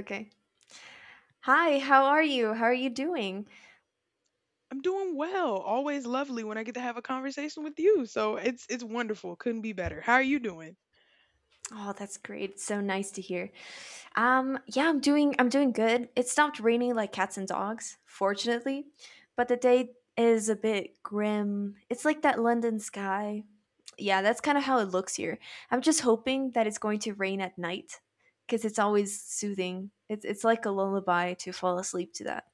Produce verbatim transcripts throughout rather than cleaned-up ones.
Okay. Hi, how are you? How are you doing? I'm doing well. Always lovely when I get to have a conversation with you. So it's it's wonderful. Couldn't be better. How are you doing? Oh, that's great. It's so nice to hear. Um, yeah, I'm doing I'm doing good. It stopped raining like cats and dogs, fortunately, but the day is a bit grim. It's like that London sky. Yeah, that's kind of how it looks here. I'm just hoping that it's going to rain at night because it's always soothing. It's it's like a lullaby to fall asleep to that.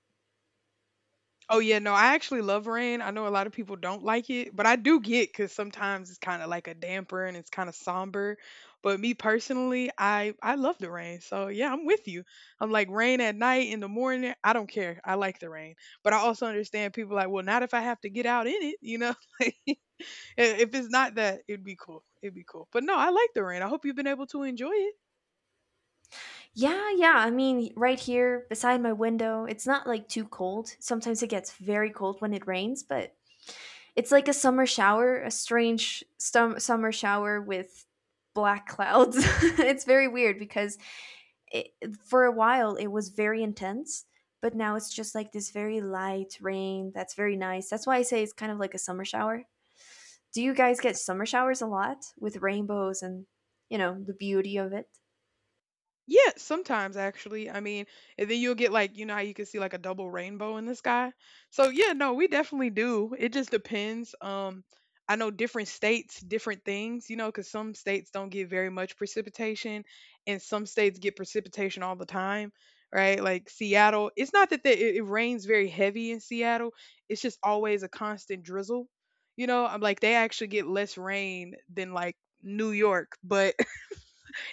Oh yeah, no, I actually love rain. I know a lot of people don't like it, but I do get because sometimes it's kind of like a damper and it's kind of somber. But me personally, I I love the rain. So yeah, I'm with you. I'm like rain at night in the morning. I don't care. I like the rain, but I also understand people like, well, not if I have to get out in it. You know, like, i- if it's not that, it'd be cool. It'd be cool. But no, I like the rain. I hope you've been able to enjoy it. Yeah, yeah. I mean, right here beside my window, it's not like too cold. Sometimes it gets very cold when it rains, but it's like a summer shower, a strange stum- summer shower with black clouds. It's very weird because it, for a while it was very intense, but now it's just like this very light rain that's very nice. That's why I say it's kind of like a summer shower. Do you guys get summer showers a lot with rainbows and, you know, the beauty of it? Yeah, sometimes actually. I mean, and then you'll get like, you know how you can see like a double rainbow in the sky. So yeah, no, we definitely do. It just depends. Um, I know different states, different things, you know, because some states don't get very much precipitation, and some states get precipitation all the time, right? Like Seattle, it's not that the, it, it rains very heavy in Seattle. It's just always a constant drizzle. You know, I'm like they actually get less rain than like New York, but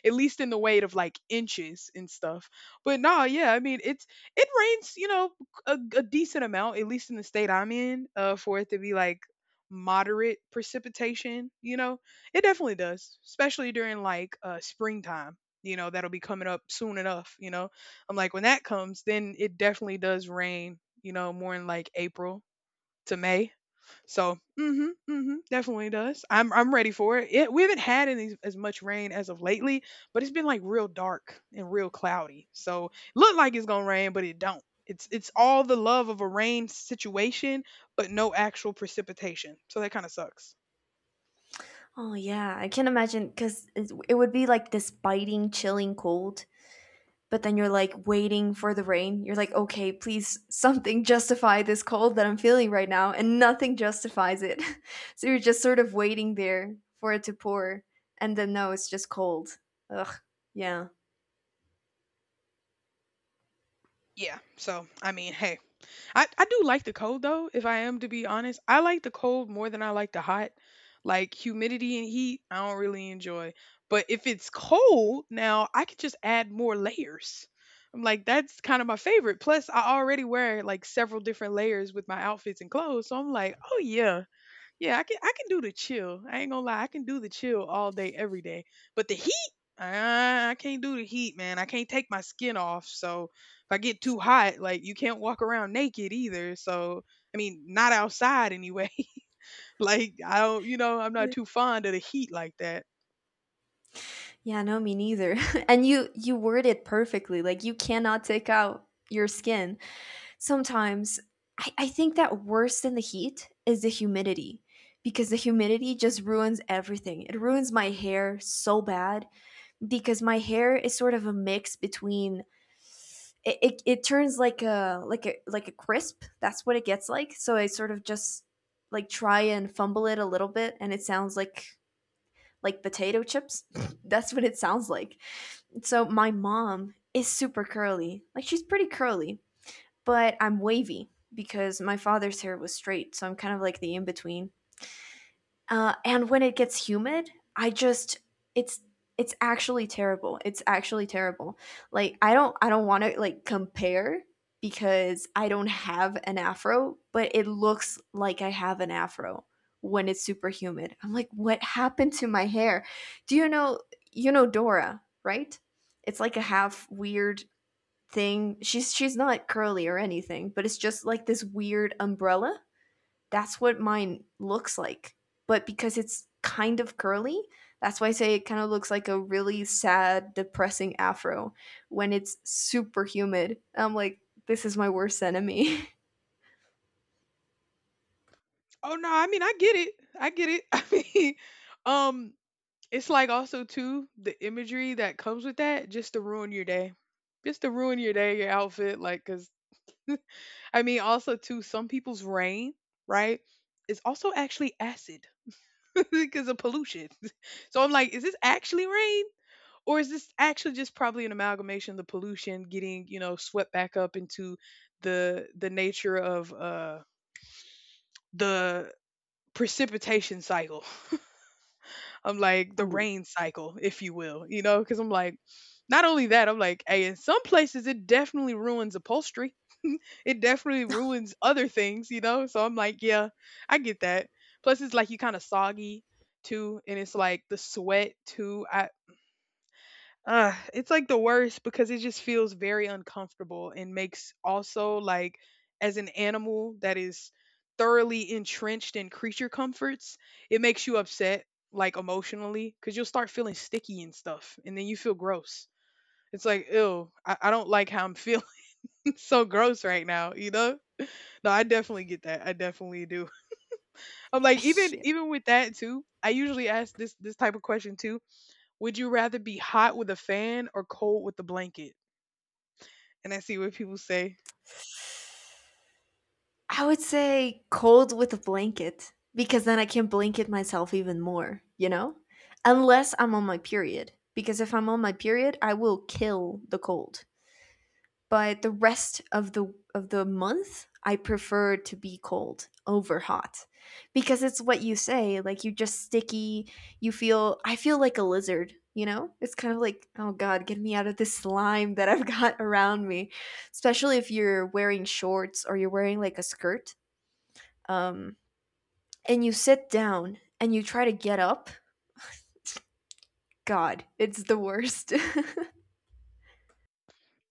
at least in the weight of like inches and stuff. But nah, yeah, I mean it's it rains, you know, a, a decent amount, at least in the state I'm in, uh, for it to be like moderate precipitation. You know, it definitely does, especially during like uh springtime. You know, that'll be coming up soon enough. You know, I'm like when that comes, then it definitely does rain. You know, more in like April to May. So, mm mhm, mm mhm, definitely does. I'm I'm ready for it. It we haven't had any as much rain as of lately, but it's been like real dark and real cloudy. So, look like it's gonna rain, but it don't. It's it's all the love of a rain situation, but no actual precipitation. So that kind of sucks. Oh yeah, I can imagine because it would be like this biting, chilling cold. But then you're like waiting for the rain. You're like, okay, please, something justify this cold that I'm feeling right now, and nothing justifies it. So you're just sort of waiting there for it to pour, and then no, it's just cold. Ugh. Yeah. Yeah. So, I mean, hey, I, I do like the cold though, if I am to be honest. I like the cold more than I like the hot. Like humidity and heat, I don't really enjoy. But if it's cold, now I could just add more layers. I'm like, that's kind of my favorite. Plus, I already wear like several different layers with my outfits and clothes. So I'm like, oh yeah, yeah, I can I can do the chill. I ain't gonna lie, I can do the chill all day, every day. But the heat, ah, I can't do the heat, man. I can't take my skin off. So if I get too hot, like you can't walk around naked either. So I mean, not outside anyway. like I don't, you know, I'm not Mm. too fond of the heat like that. Yeah. No, me neither. And you you word it perfectly. Like you cannot take out your skin sometimes. I, I think that worse than the heat is the humidity because the humidity just ruins everything. It ruins my hair so bad because my hair is sort of a mix between it, it, it turns like a like a like a crisp. That's what it gets like. So I sort of just like try and fumble it a little bit and it sounds like like potato chips. That's what it sounds like. So my mom is super curly. Like she's pretty curly, but I'm wavy because my father's hair was straight, so I'm kind of like the in between. Uh, and when it gets humid, I just it's it's actually terrible. It's actually terrible. Like I don't I don't want to like compare because I don't have an afro, but it looks like I have an afro when it's super humid. I'm like, what happened to my hair? Do you know you know Dora, right? It's like a half weird thing. She's she's not curly or anything, but it's just like this weird umbrella. That's what mine looks like. But because it's kind of curly, that's why I say it kind of looks like a really sad, depressing afro when it's super humid. I'm like, this is my worst enemy. Oh no, I mean I get it. I get it. I mean, um, it's like also too the imagery that comes with that, just to ruin your day, just to ruin your day, your outfit, like because. I mean, also too, some people's rain, right, is also actually acid because of pollution. So I'm like, is this actually rain? Or is this actually just probably an amalgamation of the pollution getting, you know, swept back up into the the nature of uh the precipitation cycle? I'm like the Oh, rain cycle, if you will, you know, because I'm like, not only that, I'm like, hey, in some places it definitely ruins upholstery. it definitely ruins other things, you know? So I'm like, yeah, I get that. Plus, it's like you kind of soggy too, and it's like the sweat too. I uh, It's like the worst because it just feels very uncomfortable and makes also like as an animal that is thoroughly entrenched in creature comforts, it makes you upset like emotionally because you'll start feeling sticky and stuff and then you feel gross. It's like, ew, I, I don't like how I'm feeling so gross right now, you know? No, I definitely get that. I definitely do. I'm like, even yeah. even with that too, I usually ask this this type of question too. Would you rather be hot with a fan or cold with a blanket? And I see what people say. I would say cold with a blanket because then I can blanket myself even more, you know? Unless I'm on my period. Because if I'm on my period, I will kill the cold. But the rest of the of the month I prefer to be cold over hot because it's what you say, like you just sticky. You feel I feel like a lizard, you know, it's kind of like, oh god, get me out of this slime that I've got around me, especially if you're wearing shorts or you're wearing like a skirt, um, and you sit down and you try to get up. God, it's the worst.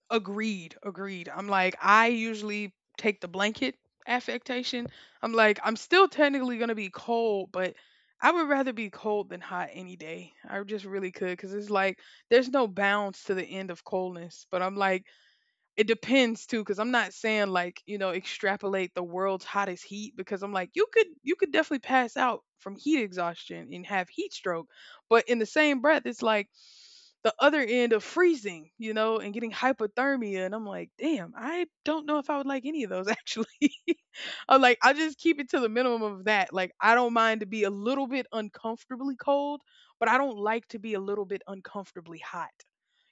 Agreed, agreed. I'm like, I usually take the blanket affectation. I'm like, I'm still technically gonna be cold, but I would rather be cold than hot any day. I just really could because it's like there's no bounds to the end of coldness. But I'm like, it depends too, because I'm not saying like, you know, extrapolate the world's hottest heat because I'm like, you could you could definitely pass out from heat exhaustion and have heat stroke. But in the same breath, it's like the other end of freezing, you know, and getting hypothermia. And I'm like, damn, I don't know if I would like any of those actually. I'm like, I'll just keep it to the minimum of that. Like, I don't mind to be a little bit uncomfortably cold, but I don't like to be a little bit uncomfortably hot.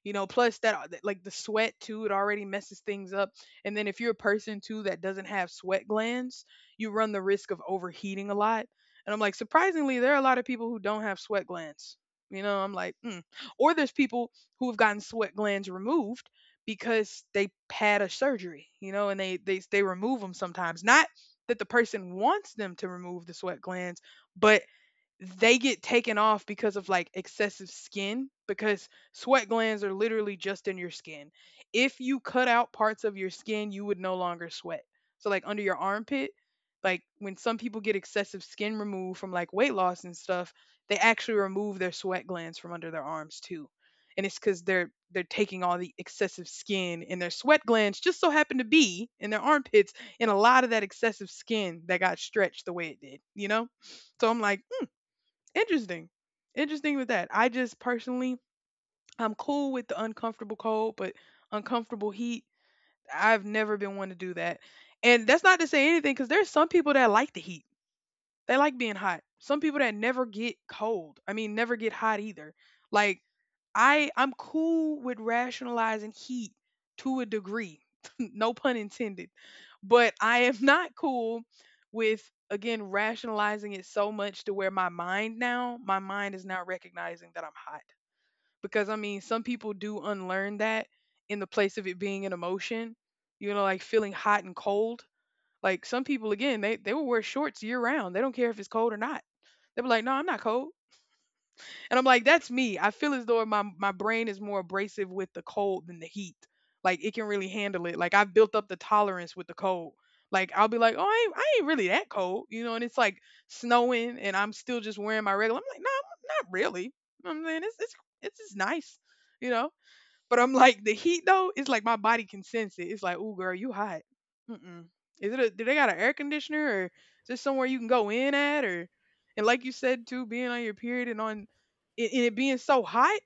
You know, plus that uh, that- like the sweat too, it already messes things up. And then if you're a person too that doesn't have sweat glands, you run the risk of overheating a lot. And I'm like, surprisingly, there are a lot of people who don't have sweat glands. You know, I'm like, mm. Or there's people who have gotten sweat glands removed because they had a surgery, you know, and they they they remove them sometimes. Not that the person wants them to remove the sweat glands, but they get taken off because of like excessive skin because sweat glands are literally just in your skin. If you cut out parts of your skin, you would no longer sweat. So like under your armpit, like when some people get excessive skin removed from like weight loss and stuff, they actually remove their sweat glands from under their arms too. And it's cuz they're they're taking all the excessive skin and their sweat glands just so happen to be in their armpits and a lot of that excessive skin that got stretched the way it did, you know? So I'm like interesting. Interesting with that. I just personally, I'm cool with the uncomfortable cold, but uncomfortable heat, I've never been one to do that. And that's not to say anything because there's some people that like the heat. They like being hot. Some people that never get cold. I mean, never get hot either. Like I I'm cool with rationalizing heat to a degree. no pun intended. But I am not cool with again rationalizing it so much to where my mind now, my mind is not recognizing that I'm hot. Because I mean, some people do unlearn that in the place of it being an emotion, you know, like feeling hot and cold. Like some people again, they they will wear shorts year round. They don't care if it's cold or not. They'll be like, "No, I'm not cold." And I'm like, that's me. I feel as though my my brain is more abrasive with the cold than the heat. Like it can really handle it. Like I've built up the tolerance with the cold. Like I'll be like, oh, I ain't, I ain't really that cold, you know. And it's like snowing, and I'm still just wearing my regular. I'm like, no, I'm not really. You know what I'm saying it's it's it's just nice, you know. But I'm like the heat though. It's like my body can sense it. It's like, oh girl, you hot. Mm-mm. Is it? A, do they got an air conditioner or just somewhere you can go in at? Or and like you said too, being on your period and on and and it being so hot.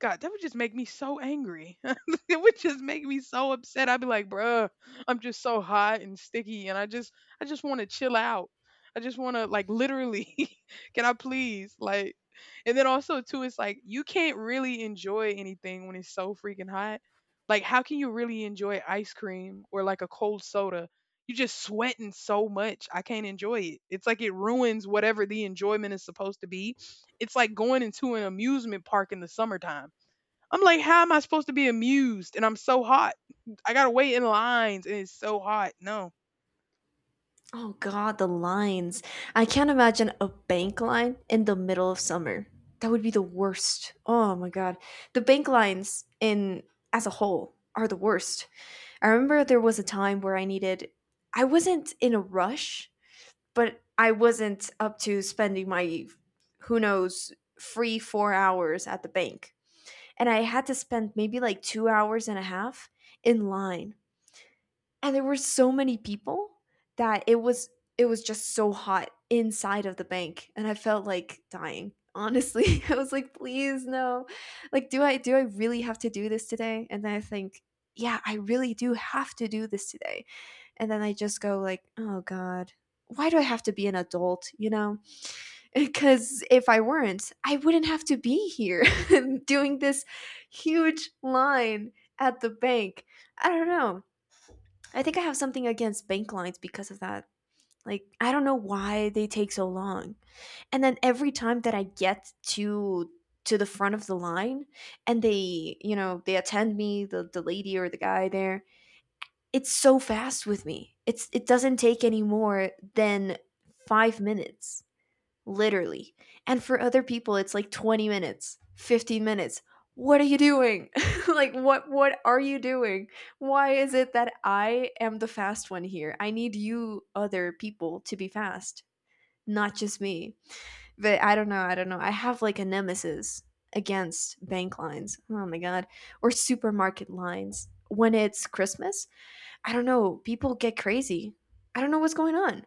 God, that would just make me so angry. it would just make me so upset. I'd be like, bruh, I'm just so hot and sticky, and I just, I just want to chill out. I just want to like literally. can I please like? And then also too, it's like you can't really enjoy anything when it's so freaking hot. Like how can you really enjoy ice cream or like a cold soda? You just sweating so much. I can't enjoy it. It's like it ruins whatever the enjoyment is supposed to be. It's like going into an amusement park in the summertime. I'm like, how am I supposed to be amused? And I'm so hot. I gotta wait in lines and it's so hot. No. Oh God, the lines. I can't imagine a bank line in the middle of summer. That would be the worst. Oh my God. The bank lines in as a whole are the worst. I remember there was a time where I needed I wasn't in a rush, but I wasn't up to spending my who knows free four hours at the bank. And I had to spend maybe like two hours and a half in line and there were so many people that it was it was just so hot inside of the bank and I felt like dying, honestly. I was like, please no, like do i do i really have to do this today? And then I think, yeah, I really do have to do this today. And then I just go like, oh god, why do I have to be an adult, you know? Because if I weren't I wouldn't have to be here doing this huge line at the bank. I don't know, I think I have something against bank lines because of that. Like, I don't know why they take so long. And then every time that I get to to the front of the line and they, you know, they attend me, the the lady or the guy there, it's so fast with me. It's it doesn't take any more than five minutes, literally. And for other people, it's like twenty minutes, fifteen minutes. What are you doing? Like what what are you doing? Why is it that I am the fast one here? I need you other people to be fast, not just me. But I don't know, I don't know. I have like a nemesis against bank lines. Oh my god, or supermarket lines. When it's Christmas, I don't know, people get crazy. I don't know what's going on,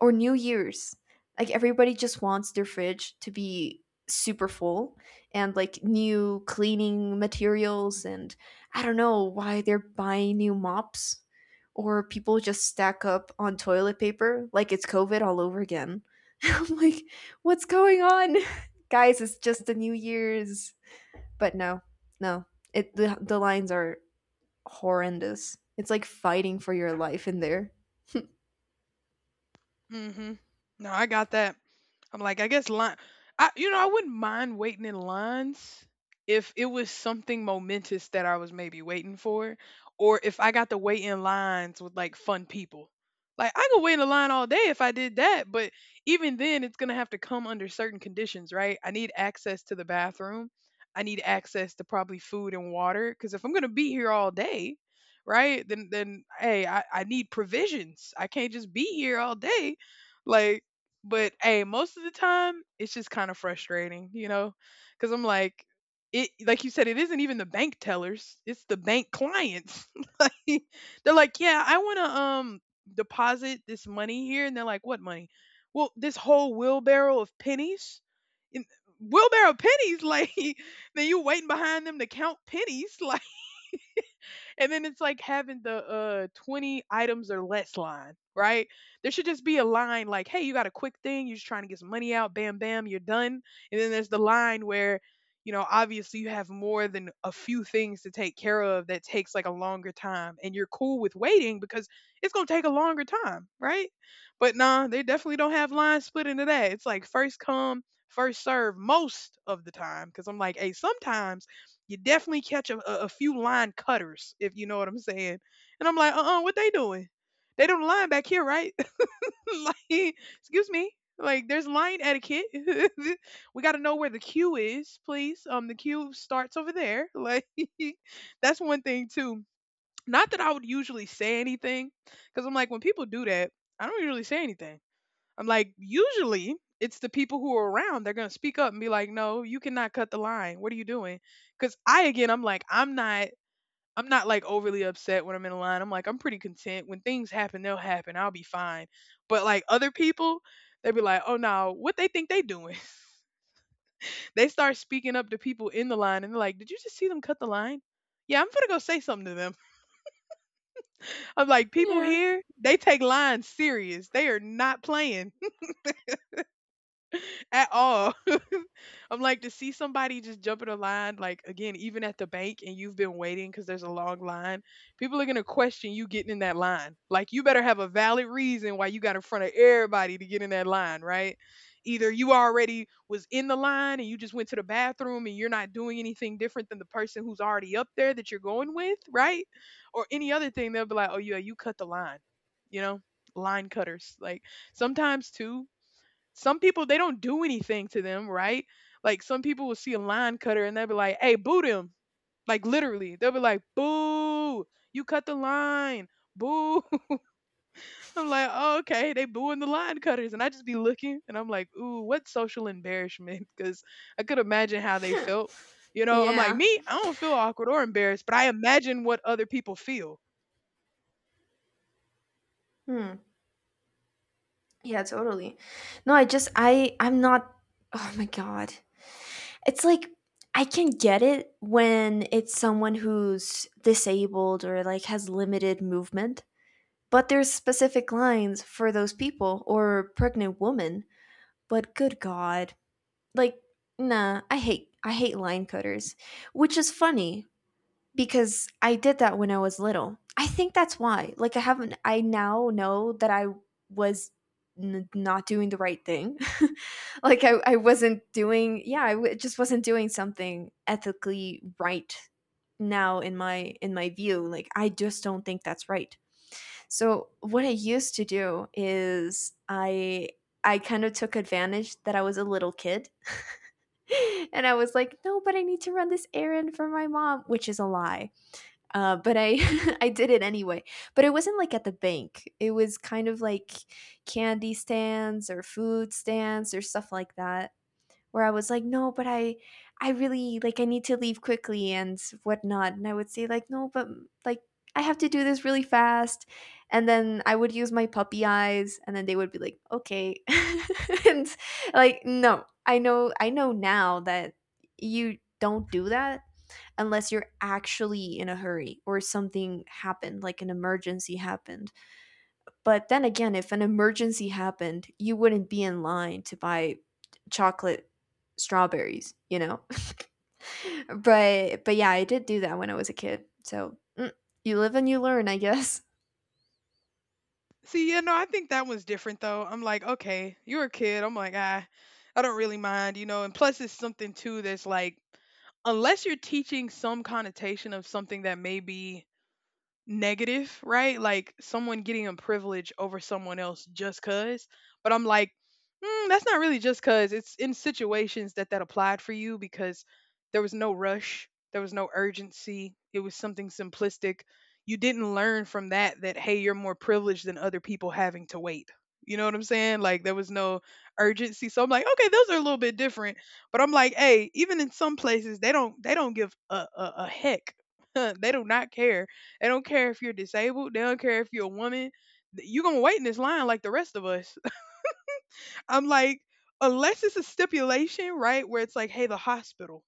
or New Year's. Like everybody just wants their fridge to be super full and like new cleaning materials and I don't know why they're buying new mops, or people just stack up on toilet paper like it's COVID all over again. I'm like, what's going on? Guys, it's just the New Year's. But no, no. It the, the lines are horrendous. It's like fighting for your life in there. Mhm. No, I got that. I'm like, I guess line. I, you know, I wouldn't mind waiting in lines if it was something momentous that I was maybe waiting for, or if I got to wait in lines with like fun people. Like I could wait in a line all day if I did that, but even then, it's gonna have to come under certain conditions, right? I need access to the bathroom. I need access to probably food and water, because if I'm gonna be here all day, right, then then hey, I, I need provisions. I can't just be here all day like, but hey, most of the time it's just kind of frustrating, you know, because I'm like, it like you said, it isn't even the bank tellers; it's the bank clients. Like, they're like, yeah, I want to um deposit this money here, and they're like, what money? Well, this whole wheelbarrow of pennies. In, wheelbarrow of pennies like. Then you waiting behind them to count pennies. Like, and then it's like having the uh twenty items or less line, right? There should just be a line like, hey, you got a quick thing, you're just trying to get some money out, bam, bam, you're done. And then there's the line where, you know, obviously you have more than a few things to take care of that takes like a longer time. And you're cool with waiting because it's gonna take a longer time, right? But nah, they definitely don't have lines split into that. It's like first come, first serve most of the time. Cause I'm like, hey, sometimes you definitely catch a, a, a few line cutters, if you know what I'm saying. And I'm like, uh-uh, what they doing? They don't line back here, right? Like, excuse me. Like, there's line etiquette. We got to know where the queue is, please. Um, the queue starts over there. Like, that's one thing too. Not that I would usually say anything, because I'm like, when people do that, I don't usually say anything. I'm like, usually it's the people who are around. They're going to speak up and be like, no, you cannot cut the line. What are you doing? Because I, again, I'm like, I'm not. I'm not like overly upset when I'm in a line. I'm like, I'm pretty content. When things happen, they'll happen. I'll be fine. But like other people, they'd be like, oh no, what they think they doing? They start speaking up to people in the line and they're like, did you just see them cut the line? Yeah, I'm gonna go say something to them. I'm like, people Yeah. here, they take lines serious. They are not playing at all. I'm like to see somebody just jump in a line, like again, even at the bank, and you've been waiting because there's a long line. People are gonna question you getting in that line. Like you better have a valid reason why you got in front of everybody to get in that line, right? Either you already was in the line and you just went to the bathroom and you're not doing anything different than the person who's already up there that you're going with, right? Or any other thing, they'll be like, oh yeah, you cut the line, you know, line cutters. Like sometimes too, some people they don't do anything to them, right? Like some people will see a line cutter and they'll be like, "Hey, boo them!" Like literally, they'll be like, "Boo! You cut the line, boo!" I'm like, oh, "Okay, they booing the line cutters," and I just be looking and I'm like, "Ooh, what social embarrassment?" Because I could imagine how they felt. You know, I'm like, Yeah. me, I don't feel awkward or embarrassed, but I imagine what other people feel. Hmm. Yeah, totally. No, I just I I'm not Oh my god. It's like I can get it when it's someone who's disabled or like has limited movement, but there's specific lines for those people or pregnant women. But good god. Like nah, I hate I hate line cutters, which is funny because I did that when I was little. I think that's why. Like I haven't I now know that I was n- not doing the right thing. Like I I wasn't doing yeah, I w- just wasn't doing something ethically right now in my in my view. Like I just don't think that's right. So what I used to do is I I kind of took advantage that I was a little kid. And I was like, "No, but I need to run this errand for my mom," which is a lie, uh, but I I did it anyway. But it wasn't like at the bank. It was kind of like candy stands or food stands or stuff like that. Where I was like, no, but I I really like I need to leave quickly and whatnot. And I would say like, no, but mm, like I have to do this really fast. And then I would use my puppy eyes, and then they would be like, okay, and like no, I know I know now that you don't do that unless you're actually in a hurry or something happened, like an emergency happened. But then again, if an emergency happened, you wouldn't be in line to buy chocolate strawberries, you know? but but yeah, I did do that when I was a kid. So mm, you live and you learn, I guess. See, you know, I think that one's different though. I'm like, okay, you're a kid. I'm like, ah, I don't really mind, you know. And plus, it's something too that's like, unless you're teaching some connotation of something that may be negative, right? Like someone getting a privilege over someone else just cuz. But I'm like, mm, that's not really just cuz. It's in situations that that applied for you because there was no rush, there was no urgency. It was something simplistic. You didn't learn from that that hey, you're more privileged than other people having to wait. You know what I'm saying? Like there was no urgency. So I'm like, okay, those are a little bit different. But I'm like, hey, even in some places, they don't they don't give a, a, a heck. They do not care, they don't care if you're disabled. They don't care if you're a woman. You're going to wait in this line like the rest of us. I'm like, unless it's a stipulation, right, where it's like, hey, the hospital,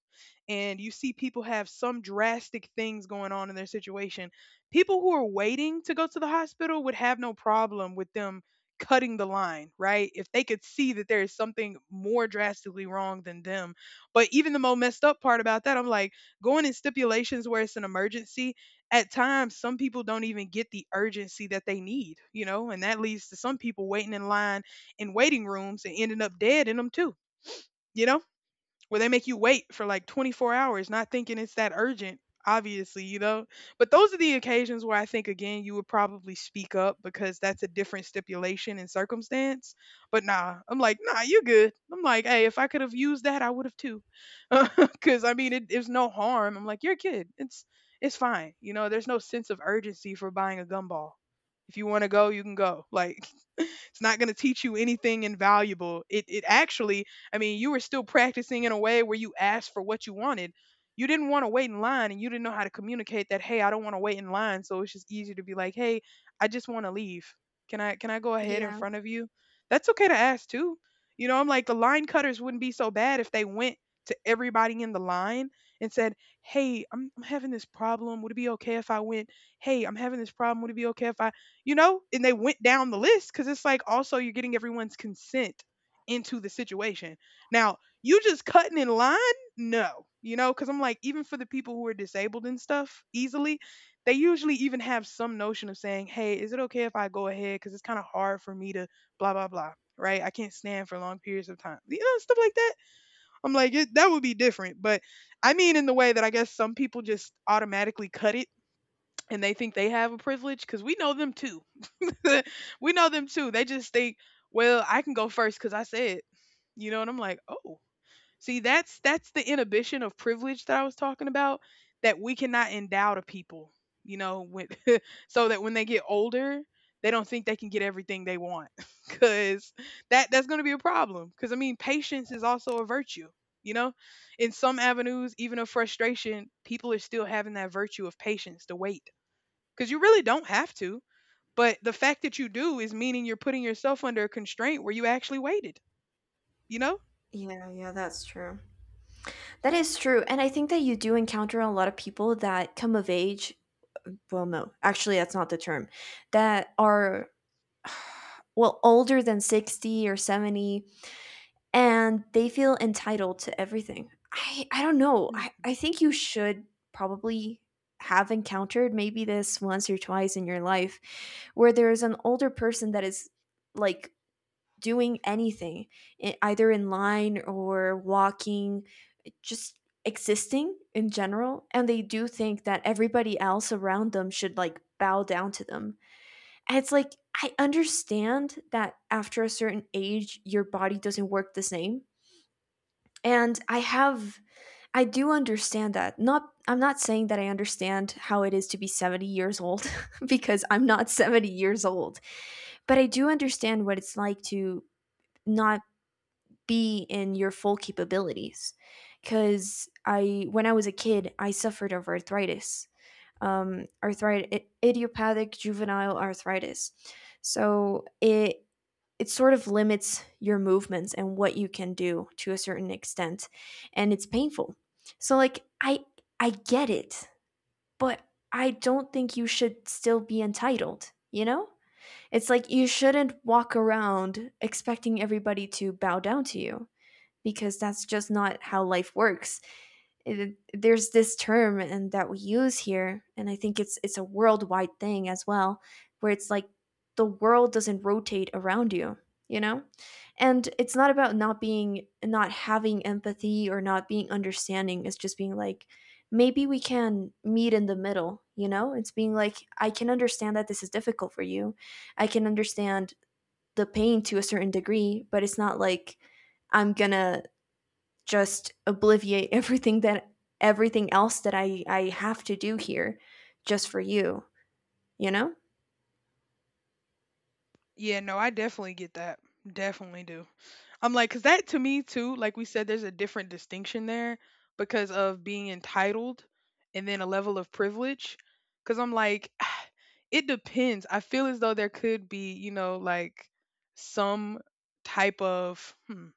and you see people have some drastic things going on in their situation, people who are waiting to go to the hospital would have no problem with them cutting the line, right? If they could see that there is something more drastically wrong than them. But even the most messed up part about that, I'm like, going in stipulations where it's an emergency, at times some people don't even get the urgency that they need, you know, and that leads to some people waiting in line in waiting rooms and ending up dead in them too, you know? Where they make you wait for like twenty-four hours not thinking it's that urgent, obviously, you know? But those are the occasions where I think again you would probably speak up because that's a different stipulation and circumstance. But nah, I'm like, "Nah, you good." I'm like, "Hey, if I could have used that, I would have too." Cuz I mean, it is no harm. I'm like, "You're a kid. It's it's fine." You know, there's no sense of urgency for buying a gumball. If you want to go, you can go. Like it's not going to teach you anything invaluable. It it Actually, I mean, you were still practicing in a way where you asked for what you wanted. You didn't want to wait in line and you didn't know how to communicate that, "Hey, I don't want to wait in line." So it's just easier to be like, "Hey, I just want to leave. Can I can I go ahead in Yeah. front of you?" That's okay to ask too. You know, I'm like the line cutters wouldn't be so bad if they went to everybody in the line and said, "Hey, I'm, I'm having this problem. Would it be okay if I went? Hey, I'm having this problem. Would it be okay if I you know, and they went down the list because it's like also you're getting everyone's consent into the situation now you just cutting in line, no, you know, because I'm like even for the people who are disabled and stuff easily they usually even have some notion of saying hey is it okay if I go ahead because it's kind of hard for me to blah blah blah, right, I can't stand for long periods of time, you know, stuff like that. I'm like it, that would be different. But I mean in the way that I guess some people just automatically cut it and they think they have a privilege because we know them too. We know them too. They just think, well, I can go first because I said, you know, and I'm like, oh, see, that's that's the inhibition of privilege that I was talking about that we cannot endow to people, you know, when, so that when they get older, they don't think they can get everything they want. Because that that's going to be a problem. Because I mean, patience is also a virtue. You know, in some avenues, even of frustration, people are still having that virtue of patience to wait because you really don't have to, but the fact that you do is meaning you're putting yourself under a constraint where you actually waited, you know? Yeah, yeah, that's true. That is true. And I think that you do encounter a lot of people that come of age. Well, no, actually, that's not the term. That are well, older than sixty or seventy, and they feel entitled to everything. I, I don't know. I, Mm. I think you should probably have encountered maybe this once or twice in your life where there is an older person that is like doing anything, e- either in line or walking, just existing in general. And they do think that everybody else around them should like bow down to them. It's like I understand that after a certain age, your body doesn't work the same. And I have, I do understand that. Not, I'm not saying that I understand how it is to be seventy years old because I'm not seventy years old, but I do understand what it's like to not be in your full capabilities. Because I, when I was a kid, I suffered of arthritis, um, arthritis, idiopathic juvenile arthritis. So it, it sort of limits your movements and what you can do to a certain extent and it's painful. So like i i get it, but I don't think you should still be entitled, you know. It's like you shouldn't walk around expecting everybody to bow down to you because that's just not how life works. It, there's this term and that we use here, and I think it's it's a worldwide thing as well, where it's like the world doesn't rotate around you, you know? And it's not about not being not having empathy or not being understanding. It's just being like maybe we can meet in the middle, you know? It's being like I can understand that this is difficult for you. I can understand the pain to a certain degree, but it's not like I'm gonna just obliviate everything that everything else that I I have to do here just for you, you know? Yeah, no, I definitely get that. Definitely do. I'm like, because that to me, too, like we said, there's a different distinction there because of being entitled and then a level of privilege. Because I'm like, it depends. I feel as though there could be, you know, like some type of, hmm,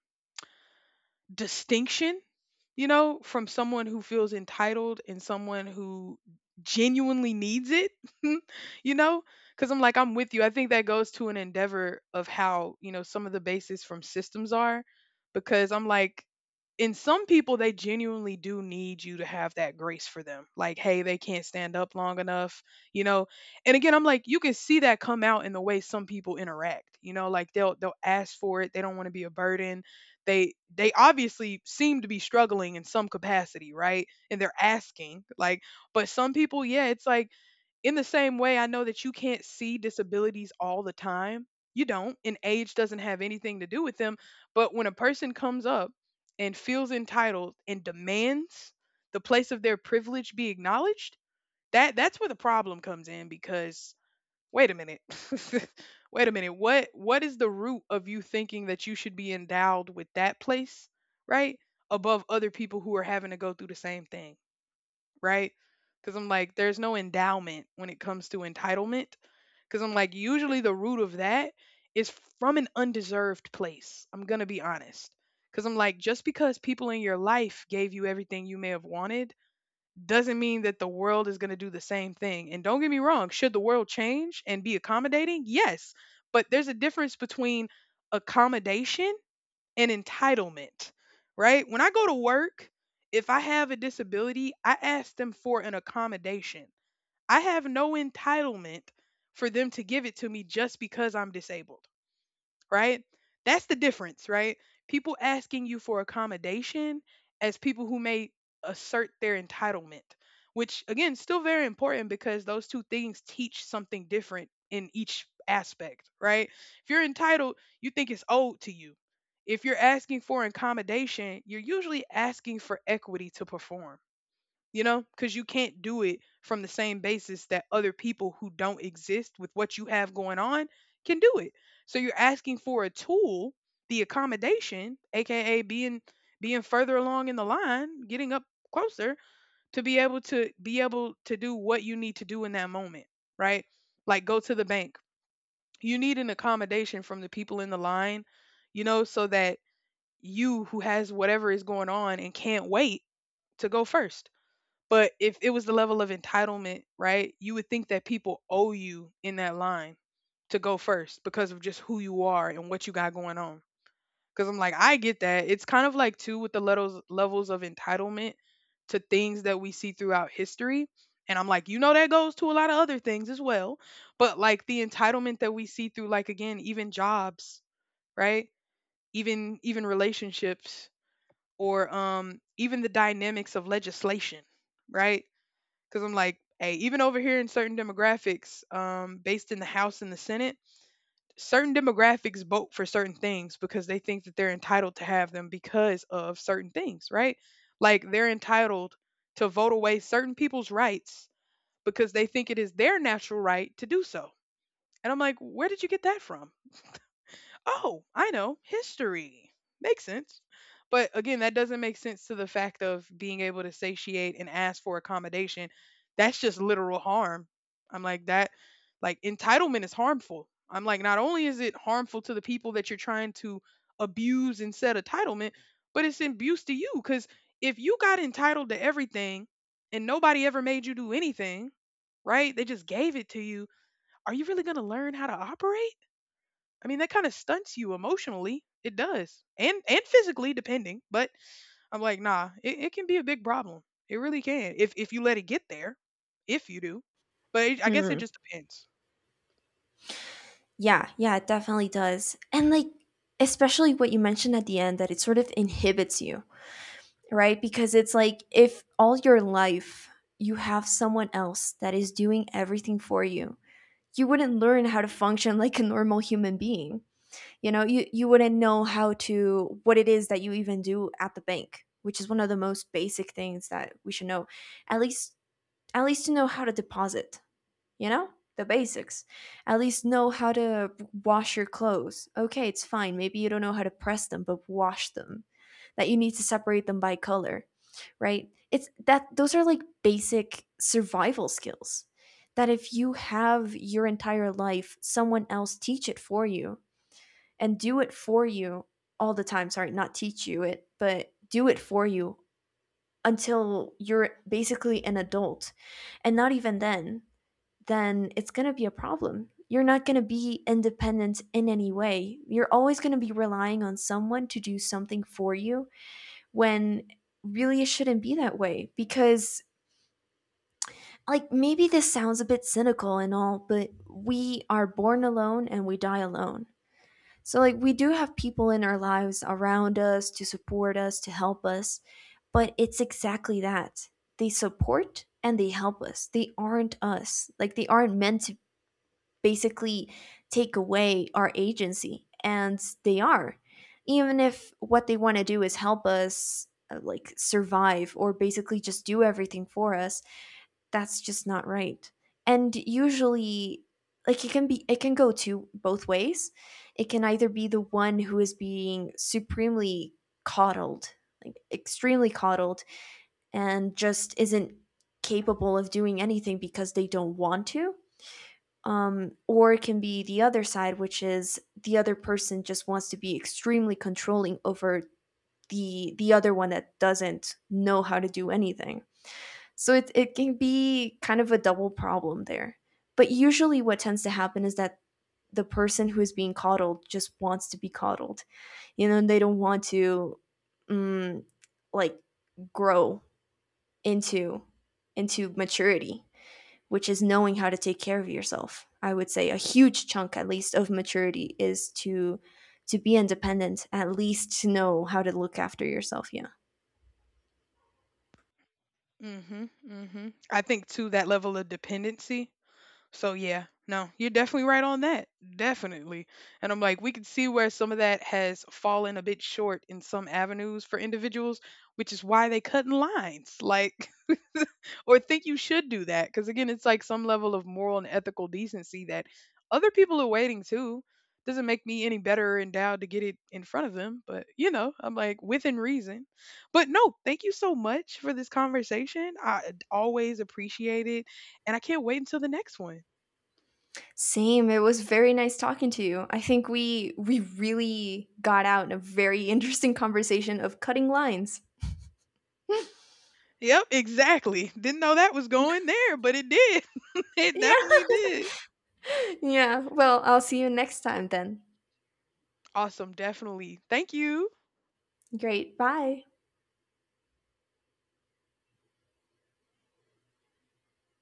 distinction, you know, from someone who feels entitled and someone who genuinely needs it, you know? Because I'm like, I'm with you. I think that goes to an endeavor of how, you know, some of the bases from systems are, because I'm like, in some people, they genuinely do need you to have that grace for them. Like, hey, they can't stand up long enough, you know. And again, I'm like, you can see that come out in the way some people interact. You know, like they'll they'll ask for it. They don't want to be a burden, they they obviously seem to be struggling in some capacity, right? And they're asking like, but some people, yeah, it's like, in the same way I know that you can't see disabilities all the time. You don't, and age doesn't have anything to do with them, but when a person comes up and feels entitled and demands the place of their privilege be acknowledged, that that's where the problem comes in because wait a minute, wait a minute, what what is the root of you thinking that you should be endowed with that place, right, above other people who are having to go through the same thing, right? Because I'm like, there's no endowment when it comes to entitlement. Because I'm like, usually the root of that is from an undeserved place, I'm gonna be honest. Because I'm like, just because people in your life gave you everything you may have wanted doesn't mean that the world is going to do the same thing. And don't get me wrong, should the world change and be accommodating? Yes. But there's a difference between accommodation and entitlement, right? When I go to work, if I have a disability, I ask them for an accommodation. I have no entitlement for them to give it to me just because I'm disabled, right? That's the difference, right? People asking you for accommodation as people who may assert their entitlement, which again, still very important because those two things teach something different in each aspect, right? If you're entitled, you think it's owed to you. If you're asking for accommodation, you're usually asking for equity to perform, you know, because you can't do it from the same basis that other people who don't exist with what you have going on can do it. So you're asking for a tool, the accommodation, aka being being further along in the line, getting up closer, to be able to be able to do what you need to do in that moment, right? Like go to the bank. You need an accommodation from the people in the line, you know, so that you who has whatever is going on and can't wait to go first. But if it was the level of entitlement, right, you would think that people owe you in that line to go first because of just who you are and what you got going on. Because I'm like, I get that. It's kind of like, too, with the levels, levels of entitlement to things that we see throughout history. And I'm like, you know, that goes to a lot of other things as well. But like the entitlement that we see through, like, again, even jobs, right? Even even relationships, or um even the dynamics of legislation, right? Because I'm like, hey, even over here in certain demographics, um, based in the House and the Senate, certain demographics vote for certain things because they think that they're entitled to have them because of certain things, right? Like they're entitled to vote away certain people's rights because they think it is their natural right to do so. And I'm like, where did you get that from? Oh, I know, history. Makes sense. But again, that doesn't make sense to the fact of being able to satiate and ask for accommodation. That's just literal harm. I'm like, that, like, entitlement is harmful. I'm like, not only is it harmful to the people that you're trying to abuse and set entitlement, but it's an abuse to you. Because if you got entitled to everything and nobody ever made you do anything, right? They just gave it to you. Are you really going to learn how to operate? I mean, that kind of stunts you emotionally. It does. And and physically depending, but I'm like, nah, it, it can be a big problem. It really can. If if you let it get there, if you do. But it, I guess it Hmm. just depends. Yeah, yeah, it definitely does. And like especially what you mentioned at the end that it sort of inhibits you, right? Because it's like if all your life you have someone else that is doing everything for you, you wouldn't learn how to function like a normal human being. You know, you you wouldn't know how to, what it is that you even do at the bank, which is one of the most basic things that we should know. At least, at least to know how to deposit, you know? The basics. At least know how to wash your clothes. Okay, it's fine. Maybe you don't know how to press them, but wash them. That you need to separate them by color, right? It's that, those are like basic survival skills that if you have your entire life someone else teach it for you and do it for you all the time. Sorry, not teach you it, but do it for you until you're basically an adult. And not even then, then it's going to be a problem. You're not going to be independent in any way. You're always going to be relying on someone to do something for you when really it shouldn't be that way because like maybe this sounds a bit cynical and all, but we are born alone and we die alone. So, like, we do have people in our lives around us to support us, to help us, but it's exactly that. They support and they help us. They aren't us. Like, they aren't meant to basically take away our agency, and they are. Even if what they want to do is help us, uh, like, survive or basically just do everything for us, that's just not right. And usually like it can be, it can go to both ways. It can either be the one who is being supremely coddled, like extremely coddled and just isn't capable of doing anything because they don't want to. Um, or it can be the other side, which is the other person just wants to be extremely controlling over the the other one that doesn't know how to do anything. So it, it can be kind of a double problem there. But usually, what tends to happen is that the person who is being coddled just wants to be coddled. You know, and they don't want to, mm, like, grow into into maturity, which is knowing how to take care of yourself. I would say a huge chunk, at least, of maturity is to to be independent, at least to know how to look after yourself. Yeah. Mhm. Mhm. I think too that level of dependency. So yeah, no, you're definitely right on that. Definitely. And I'm like, we can see where some of that has fallen a bit short in some avenues for individuals, which is why they cut in lines, like, or think you should do that. Cause again, it's like some level of moral and ethical decency that other people are waiting too. Doesn't make me any better endowed to get it in front of them, but you know, I'm like, within reason. But no, thank you so much for this conversation. I always appreciate it. And I can't wait until the next one. Same. It was very nice talking to you. I think we we really got out in a very interesting conversation of cutting lines. Yep, exactly. Didn't know that was going there, but it did. It Yeah. definitely did. Yeah. Well, I'll see you next time then. Awesome, definitely. Thank you. Great. Bye.